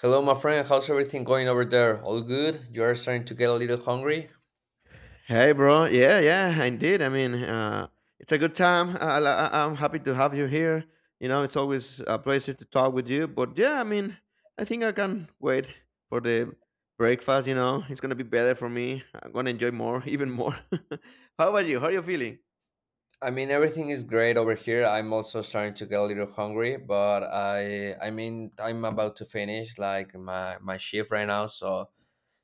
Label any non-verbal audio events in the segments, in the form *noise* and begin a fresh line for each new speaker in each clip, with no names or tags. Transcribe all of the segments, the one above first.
Hello, my friend. How's everything going over there? All good? You are starting to get a little hungry?
Hey, bro. Yeah, yeah, indeed. I mean, it's a good time. I'm happy to have you here. You know, it's always a pleasure to talk with you. But yeah, I mean, I think I can wait for the breakfast. You know, it's gonna be better for me. I'm gonna enjoy more, even more. *laughs* How about you? How are you feeling?
I mean, everything is great over here. I'm also starting to get a little hungry, but I mean, I'm about to finish like my shift right now, so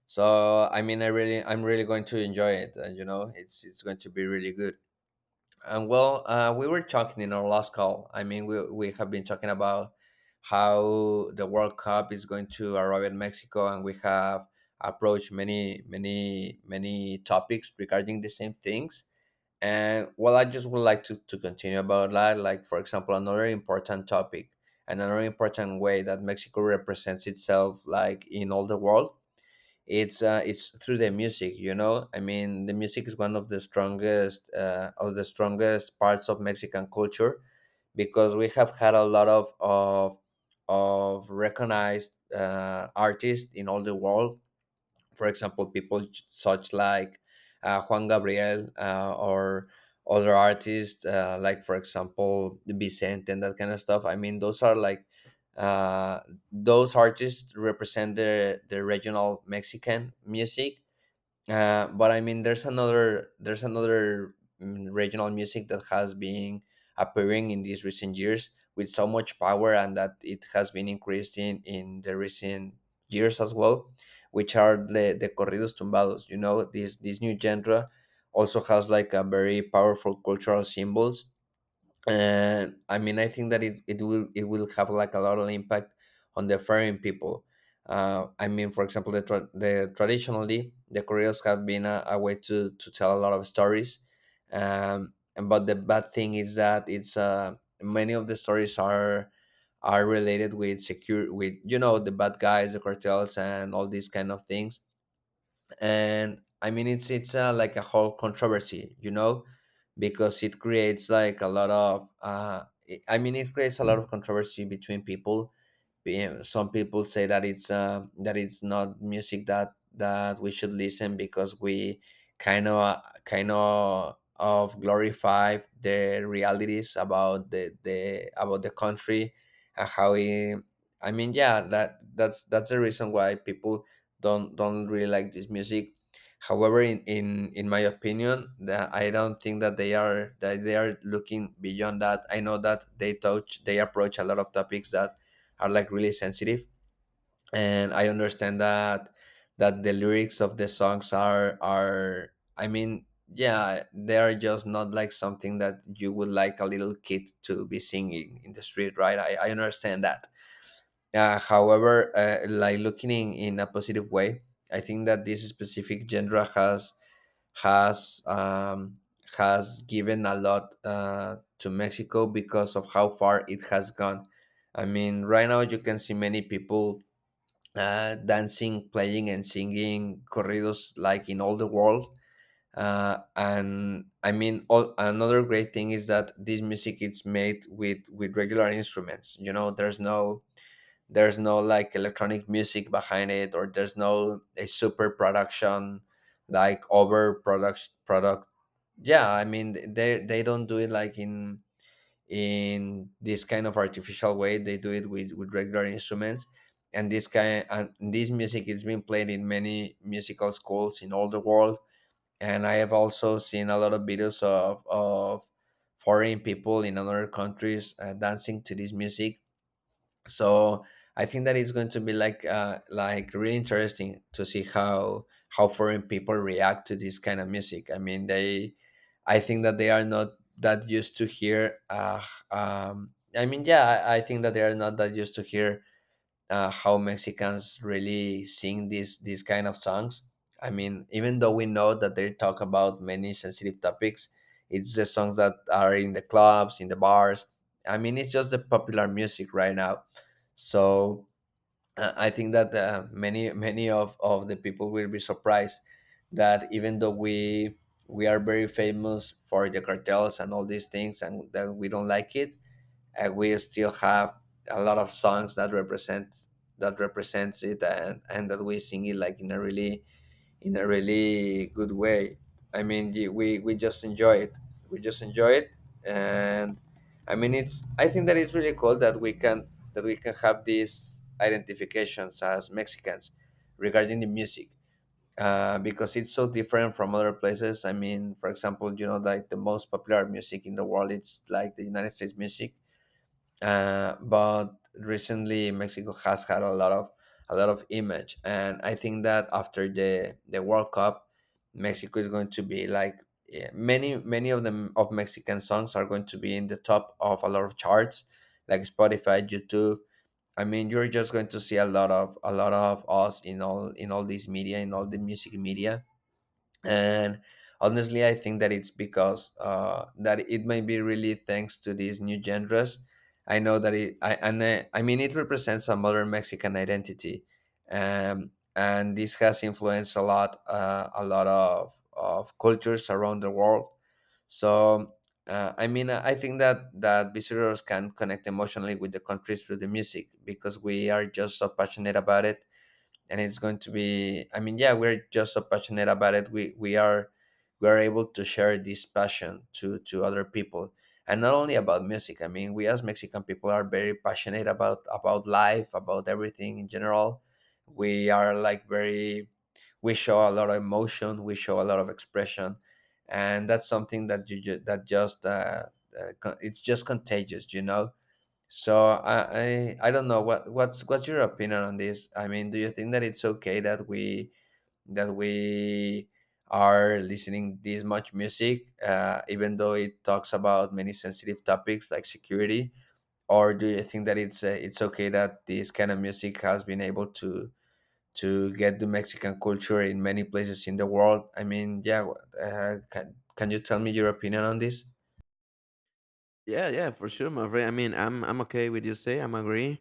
so I mean, I'm really going to enjoy it, and you know, it's going to be really good. And well, we were talking in our last call. I mean, we have been talking about how the World Cup is going to arrive in Mexico, and we have approached many topics regarding the same things. And well, I just would like to continue about that. Like, for example, another important topic and another important way that Mexico represents itself, like in all the world, it's through the music, you know. I mean, the music is one of the strongest parts of Mexican culture, because we have had a lot of recognized artists in all the world. For example, people such like Juan Gabriel, or other artists, like for example Vicente, and that kind of stuff. I mean, those are like uh, those artists represent the regional Mexican music. But I mean, there's another regional music that has been appearing in these recent years with so much power, and that it has been increasing in the recent years as well, which are the corridos tumbados. You know, this new genre also has like a very powerful cultural symbols. And I mean, I think that it will have like a lot of impact on the foreign people. I mean, for example, the traditionally the Koreans have been a way to tell a lot of stories. But the bad thing is that it's many of the stories are related with secure with you know, the bad guys, the cartels, and all these kind of things. And I mean, it's like a whole controversy, you know, because it creates like a lot of I mean, it creates a lot of controversy between people. Some people say that it's not music that we should listen, because we kind of glorify the realities about the about the country and how it, I mean, yeah, that's the reason why people don't really like this music. However, in my opinion, that I don't think that they are, looking beyond that. I know that they approach a lot of topics that are like really sensitive, and I understand that, the lyrics of the songs are, I mean, yeah, they are just not like something that you would like a little kid to be singing in the street, right? I understand that. However, like looking in a positive way, I think that this specific genre has has um, has given a lot to Mexico because of how far it has gone. I mean, right now you can see many people dancing, playing, and singing corridos like in all the world. And I mean, another great thing is that this music is made with regular instruments. You know, there's no like electronic music behind it, or there's no a super production like over product product. Yeah, I mean, they don't do it like in this kind of artificial way. They do it with regular instruments. And this music is being played in many musical schools in all the world. And I have also seen a lot of videos of foreign people in other countries dancing to this music. So I think that it's going to be like really interesting to see how foreign people react to this kind of music. I mean, they, I think that they are not that used to hear um I mean, yeah, I think that they are not that used to hear how Mexicans really sing these kind of songs. I mean, even though we know that they talk about many sensitive topics, it's the songs that are in the clubs, in the bars. I mean, it's just the popular music right now. So I think that many of the people will be surprised that even though we are very famous for the cartels and all these things, and that we don't like it, and we still have a lot of songs that represent, that represents it and that we sing it like in a really, in a really good way. I mean, we just enjoy it, we just enjoy it. And I mean, it's, I think that it's really cool that we can, that we can have these identifications as Mexicans regarding the music. Because it's so different from other places. I mean, for example, you know, like the most popular music in the world, it's like the United States music. But recently Mexico has had a lot of, a lot of image. And I think that after the World Cup, Mexico is going to be like, yeah, many, many of them of Mexican songs are going to be in the top of a lot of charts, like Spotify, YouTube. I mean, you're just going to see a lot of, a lot of us in all, in all this media, in all the music media. And honestly, I think that it's because that it may be really thanks to these new genres. I know that it I and I, I mean, it represents a modern Mexican identity. And this has influenced a lot of cultures around the world. So I mean, I think that visitors can connect emotionally with the country through the music, because we are just so passionate about it. And it's going to be, I mean, yeah, we're just so passionate about it. We are able to share this passion to other people. And not only about music, I mean, we as Mexican people are very passionate about life, about everything in general. We are like very, we show a lot of emotion, we show a lot of expression. And that's something that that just it's just contagious, you know. So I don't know what's your opinion on this? I mean, do you think that it's okay that we, that we are listening this much music, even though it talks about many sensitive topics like security? Or do you think that it's okay that this kind of music has been able to get the Mexican culture in many places in the world? I mean, yeah, can you tell me your opinion on this?
Yeah, yeah, for sure, my friend. I mean, I'm okay with you. Say, I'm agree.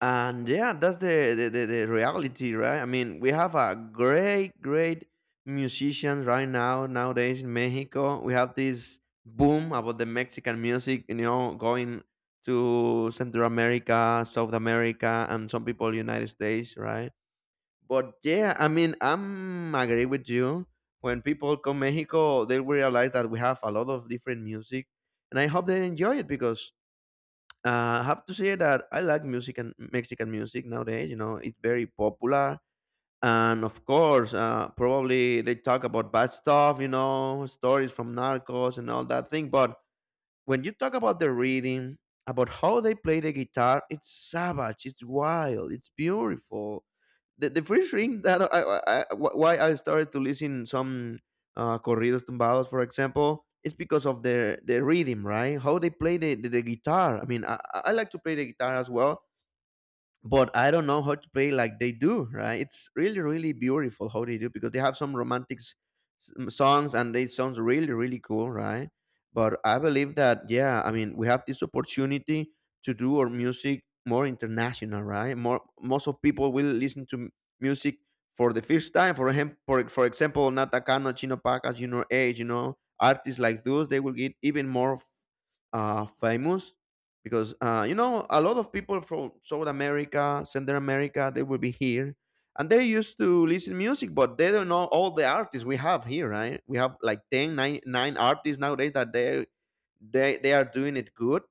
And yeah, that's the reality, right? I mean, we have a great musicians right now nowadays. In Mexico we have this boom about the Mexican music, you know, going to Central America, South America, and some people United States, right? But yeah, I mean, I'm agree with you. When people come Mexico, they will realize that we have a lot of different music, and I hope they enjoy it because I have to say that I like music and Mexican music nowadays. You know, it's very popular, and of course, probably they talk about bad stuff. You know, stories from narcos and all that thing. But when you talk about the reading, about how they play the guitar, it's savage, it's wild, it's beautiful. The first thing that why I started to listen some corridos tumbados, for example, is because of their rhythm, right? How they play the guitar. I mean, I like to play the guitar as well, but I don't know how to play like they do, right? It's really, really beautiful how they do, because they have some romantic songs, and they sounds really, really cool, right? But I believe that yeah, I mean, we have this opportunity to do our music more international, right? More most of people will listen to music for the first time. For him, for example, Nata Cano, Chino Pacas, you know, age, you know, artists like those, they will get even more famous, because you know, a lot of people from South America, Central America, they will be here, and they're used to listen music, but they don't know all the artists we have here, right? We have like 10, nine artists nowadays that they are doing it good.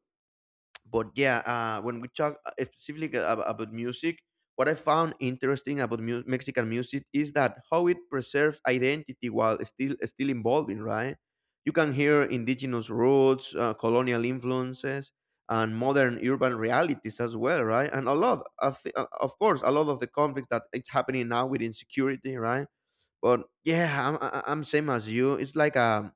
But yeah, when we talk specifically about music, what I found interesting about Mexican music is that how it preserves identity while still evolving, right? You can hear indigenous roots, colonial influences, and modern urban realities as well, right? And a lot of, of course a lot of the conflict that it's happening now with insecurity, right? But yeah, I'm same as you. It's like a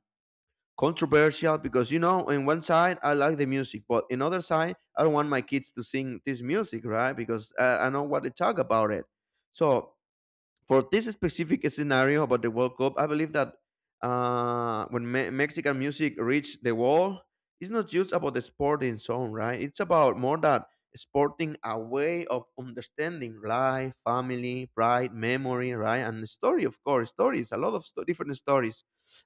controversial, because you know, in one side I like the music, but in other side I don't want my kids to sing this music, right? Because I know what they talk about it. So for this specific scenario about the World Cup, I believe that when Mexican music reached the world, it's not just about the sporting zone, right? It's about more that sporting, a way of understanding life, family, pride, memory, right? And the story, of course, stories, a lot of different stories.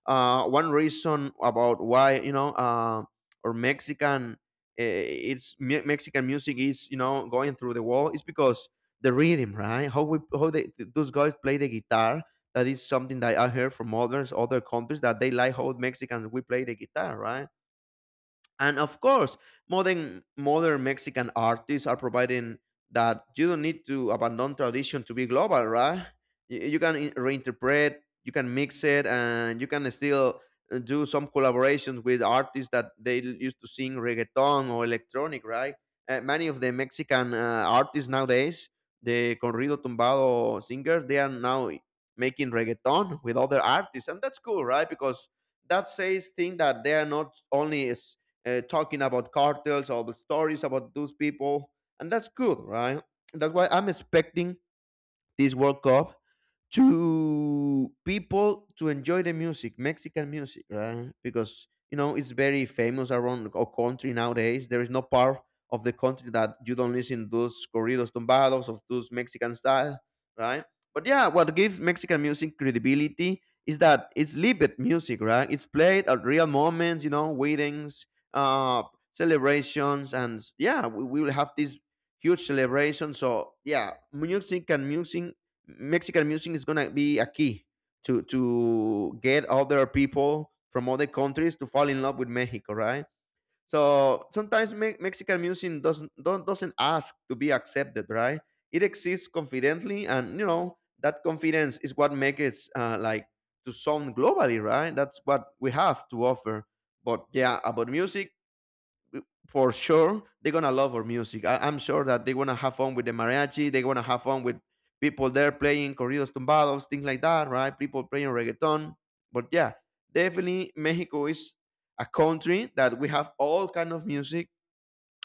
One reason about why, you know, or Mexican, it's Mexican music is, you know, going through the world is because the rhythm, right? How we how they those guys play the guitar. That is something that I heard from others, other countries, that they like how Mexicans we play the guitar, right? And of course, modern Mexican artists are providing that you don't need to abandon tradition to be global, right? You can reinterpret, you can mix it, and you can still do some collaborations with artists that they used to sing reggaeton or electronic, right? Many of the Mexican artists nowadays, the corrido tumbado singers, they are now making reggaeton with other artists, and that's cool, right? Because that says thing that they are not only talking about cartels, all the stories about those people, and that's cool, right? That's why I'm expecting this world cup to people to enjoy the music, Mexican music, right? Because you know, it's very famous around our country nowadays. There is no part of the country that you don't listen to those corridos tumbados of those Mexican style, right? But yeah, what gives Mexican music credibility is that it's lived music, right? It's played at real moments, you know, weddings, uh, celebrations, and yeah, we will have this huge celebration. So yeah, music and music Mexican music is gonna be a key to get other people from other countries to fall in love with Mexico, right? So sometimes Mexican music doesn't don't, doesn't ask to be accepted, right? It exists confidently, and you know that confidence is what makes it like to sound globally, right? That's what we have to offer. But yeah, about music, for sure they're gonna love our music. I, I'm sure that they want to have fun with the mariachi. They want to have fun with people there playing corridos tumbados, things like that, right? People playing reggaeton. But yeah, definitely Mexico is a country that we have all kind of music,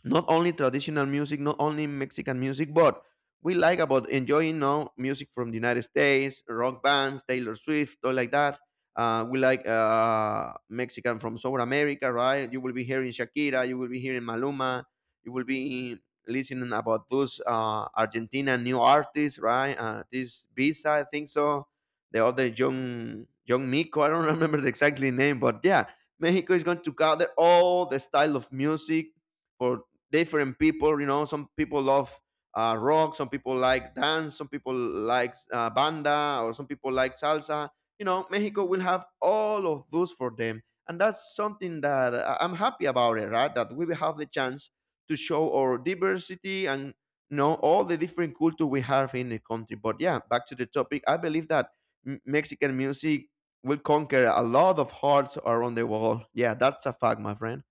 not only traditional music, not only Mexican music, but we like about enjoying now music from the United States, rock bands, Taylor Swift, all like that. We like Mexican from South America, right? You will be hearing Shakira, you will be hearing Maluma, you will be listening about those Argentina new artists, right? This Visa, I think so. The other young Miko, I don't *laughs* remember the exactly name, but yeah, Mexico is going to gather all the style of music for different people. You know, some people love rock, some people like dance, some people like banda, or some people like salsa. You know, Mexico will have all of those for them, and that's something that I'm happy about it. Right, that we will have the chance to show our diversity and you know all the different culture we have in the country. But yeah, back to the topic. I believe that Mexican music will conquer a lot of hearts around the world. Yeah, that's a fact, my friend.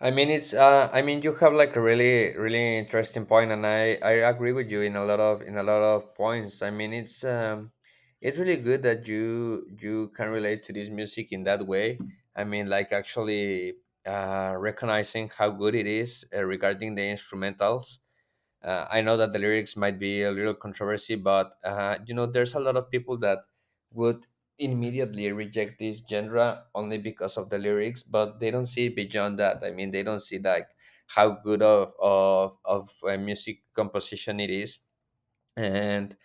I mean, it's. I mean, you have like a really, really interesting point, and I agree with you in a lot of, in a lot of points. I mean, it's really good that you can relate to this music in that way. I mean, like actually, recognizing how good it is, regarding the instrumentals. I know that the lyrics might be a little controversy, but you know, there's a lot of people that would immediately reject this genre only because of the lyrics, but they don't see beyond that. I mean, they don't see like how good of music composition it is. And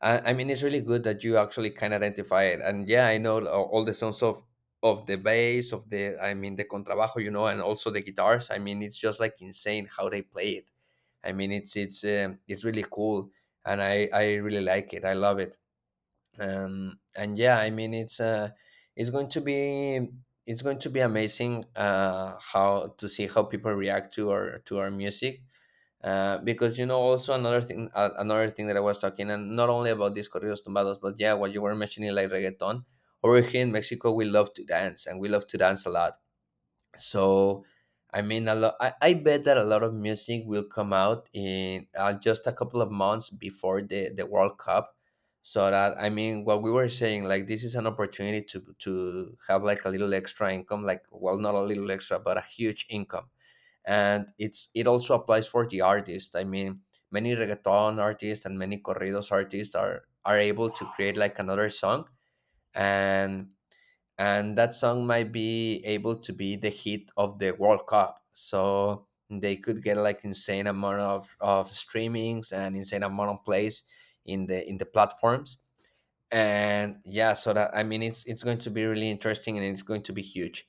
I mean, it's really good that you actually can identify it. And yeah, I know all the sounds of the bass, of the, I mean the contrabajo, you know, and also the guitars. I mean, it's just like insane how they play it. I mean, it's really cool, and I really like it. I love it. And yeah, I mean, it's going to be, it's going to be amazing, how to see how people react to our, to our music. Because you know, also another thing, another thing that I was talking, and not only about these corridos tumbados, but yeah, what you were mentioning, like reggaeton. Over here in Mexico, we love to dance, and we love to dance a lot. So I mean, a lot, I bet that a lot of music will come out in just a couple of months before the World Cup. So that, I mean, what we were saying, like, this is an opportunity to have like a little extra income, like, well, not a little extra, but a huge income. And it also applies for the artist. I mean, many reggaeton artists and many corridos artists are able to create like another song, and and that song might be able to be the hit of the World Cup. So they could get like insane amount of streamings and insane amount of plays in the platforms. And yeah, so that, I mean, it's going to be really interesting, and it's going to be huge.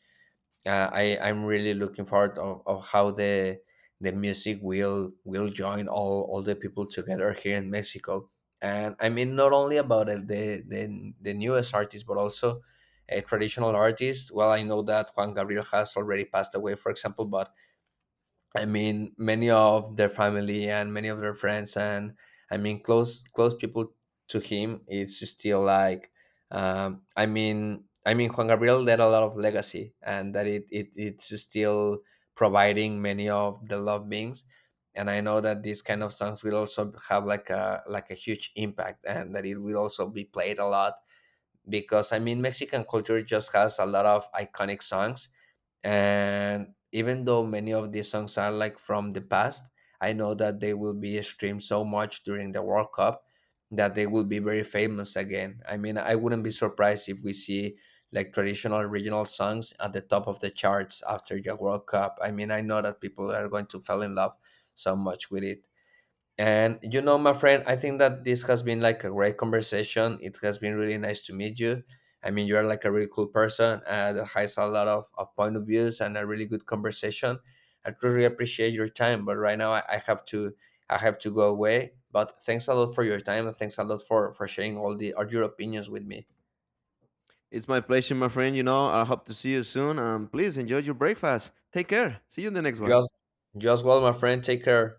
I, I'm really looking forward of how the music will join all the people together here in Mexico. And I mean, not only about the, the newest artists, but also traditional artists. Well, I know that Juan Gabriel has already passed away, for example. But I mean, many of their family and many of their friends, and I mean, close people to him, it's still like, I mean, Juan Gabriel left a lot of legacy, and that it's still providing many of the love beings. And I know that these kind of songs will also have like a huge impact, and that it will also be played a lot, because I mean, Mexican culture just has a lot of iconic songs. And even though many of these songs are like from the past, I know that they will be streamed so much during the World Cup, that they will be very famous again. I mean, I wouldn't be surprised if we see like traditional regional songs at the top of the charts after the World Cup. I mean, I know that people are going to fall in love so much with it. And you know, my friend, I think that this has been like a great conversation. It has been really nice to meet you. I mean, you're like a really cool person that has a lot of point of views, and a really good conversation. I truly appreciate your time, but right now I have to, I have to go away. But thanks a lot for your time, and thanks a lot for sharing all the, all your opinions with me.
It's my pleasure, my friend. You know, I hope to see you soon. And please enjoy your breakfast. Take care. See you in the next one.
Just just well, my friend. Take care.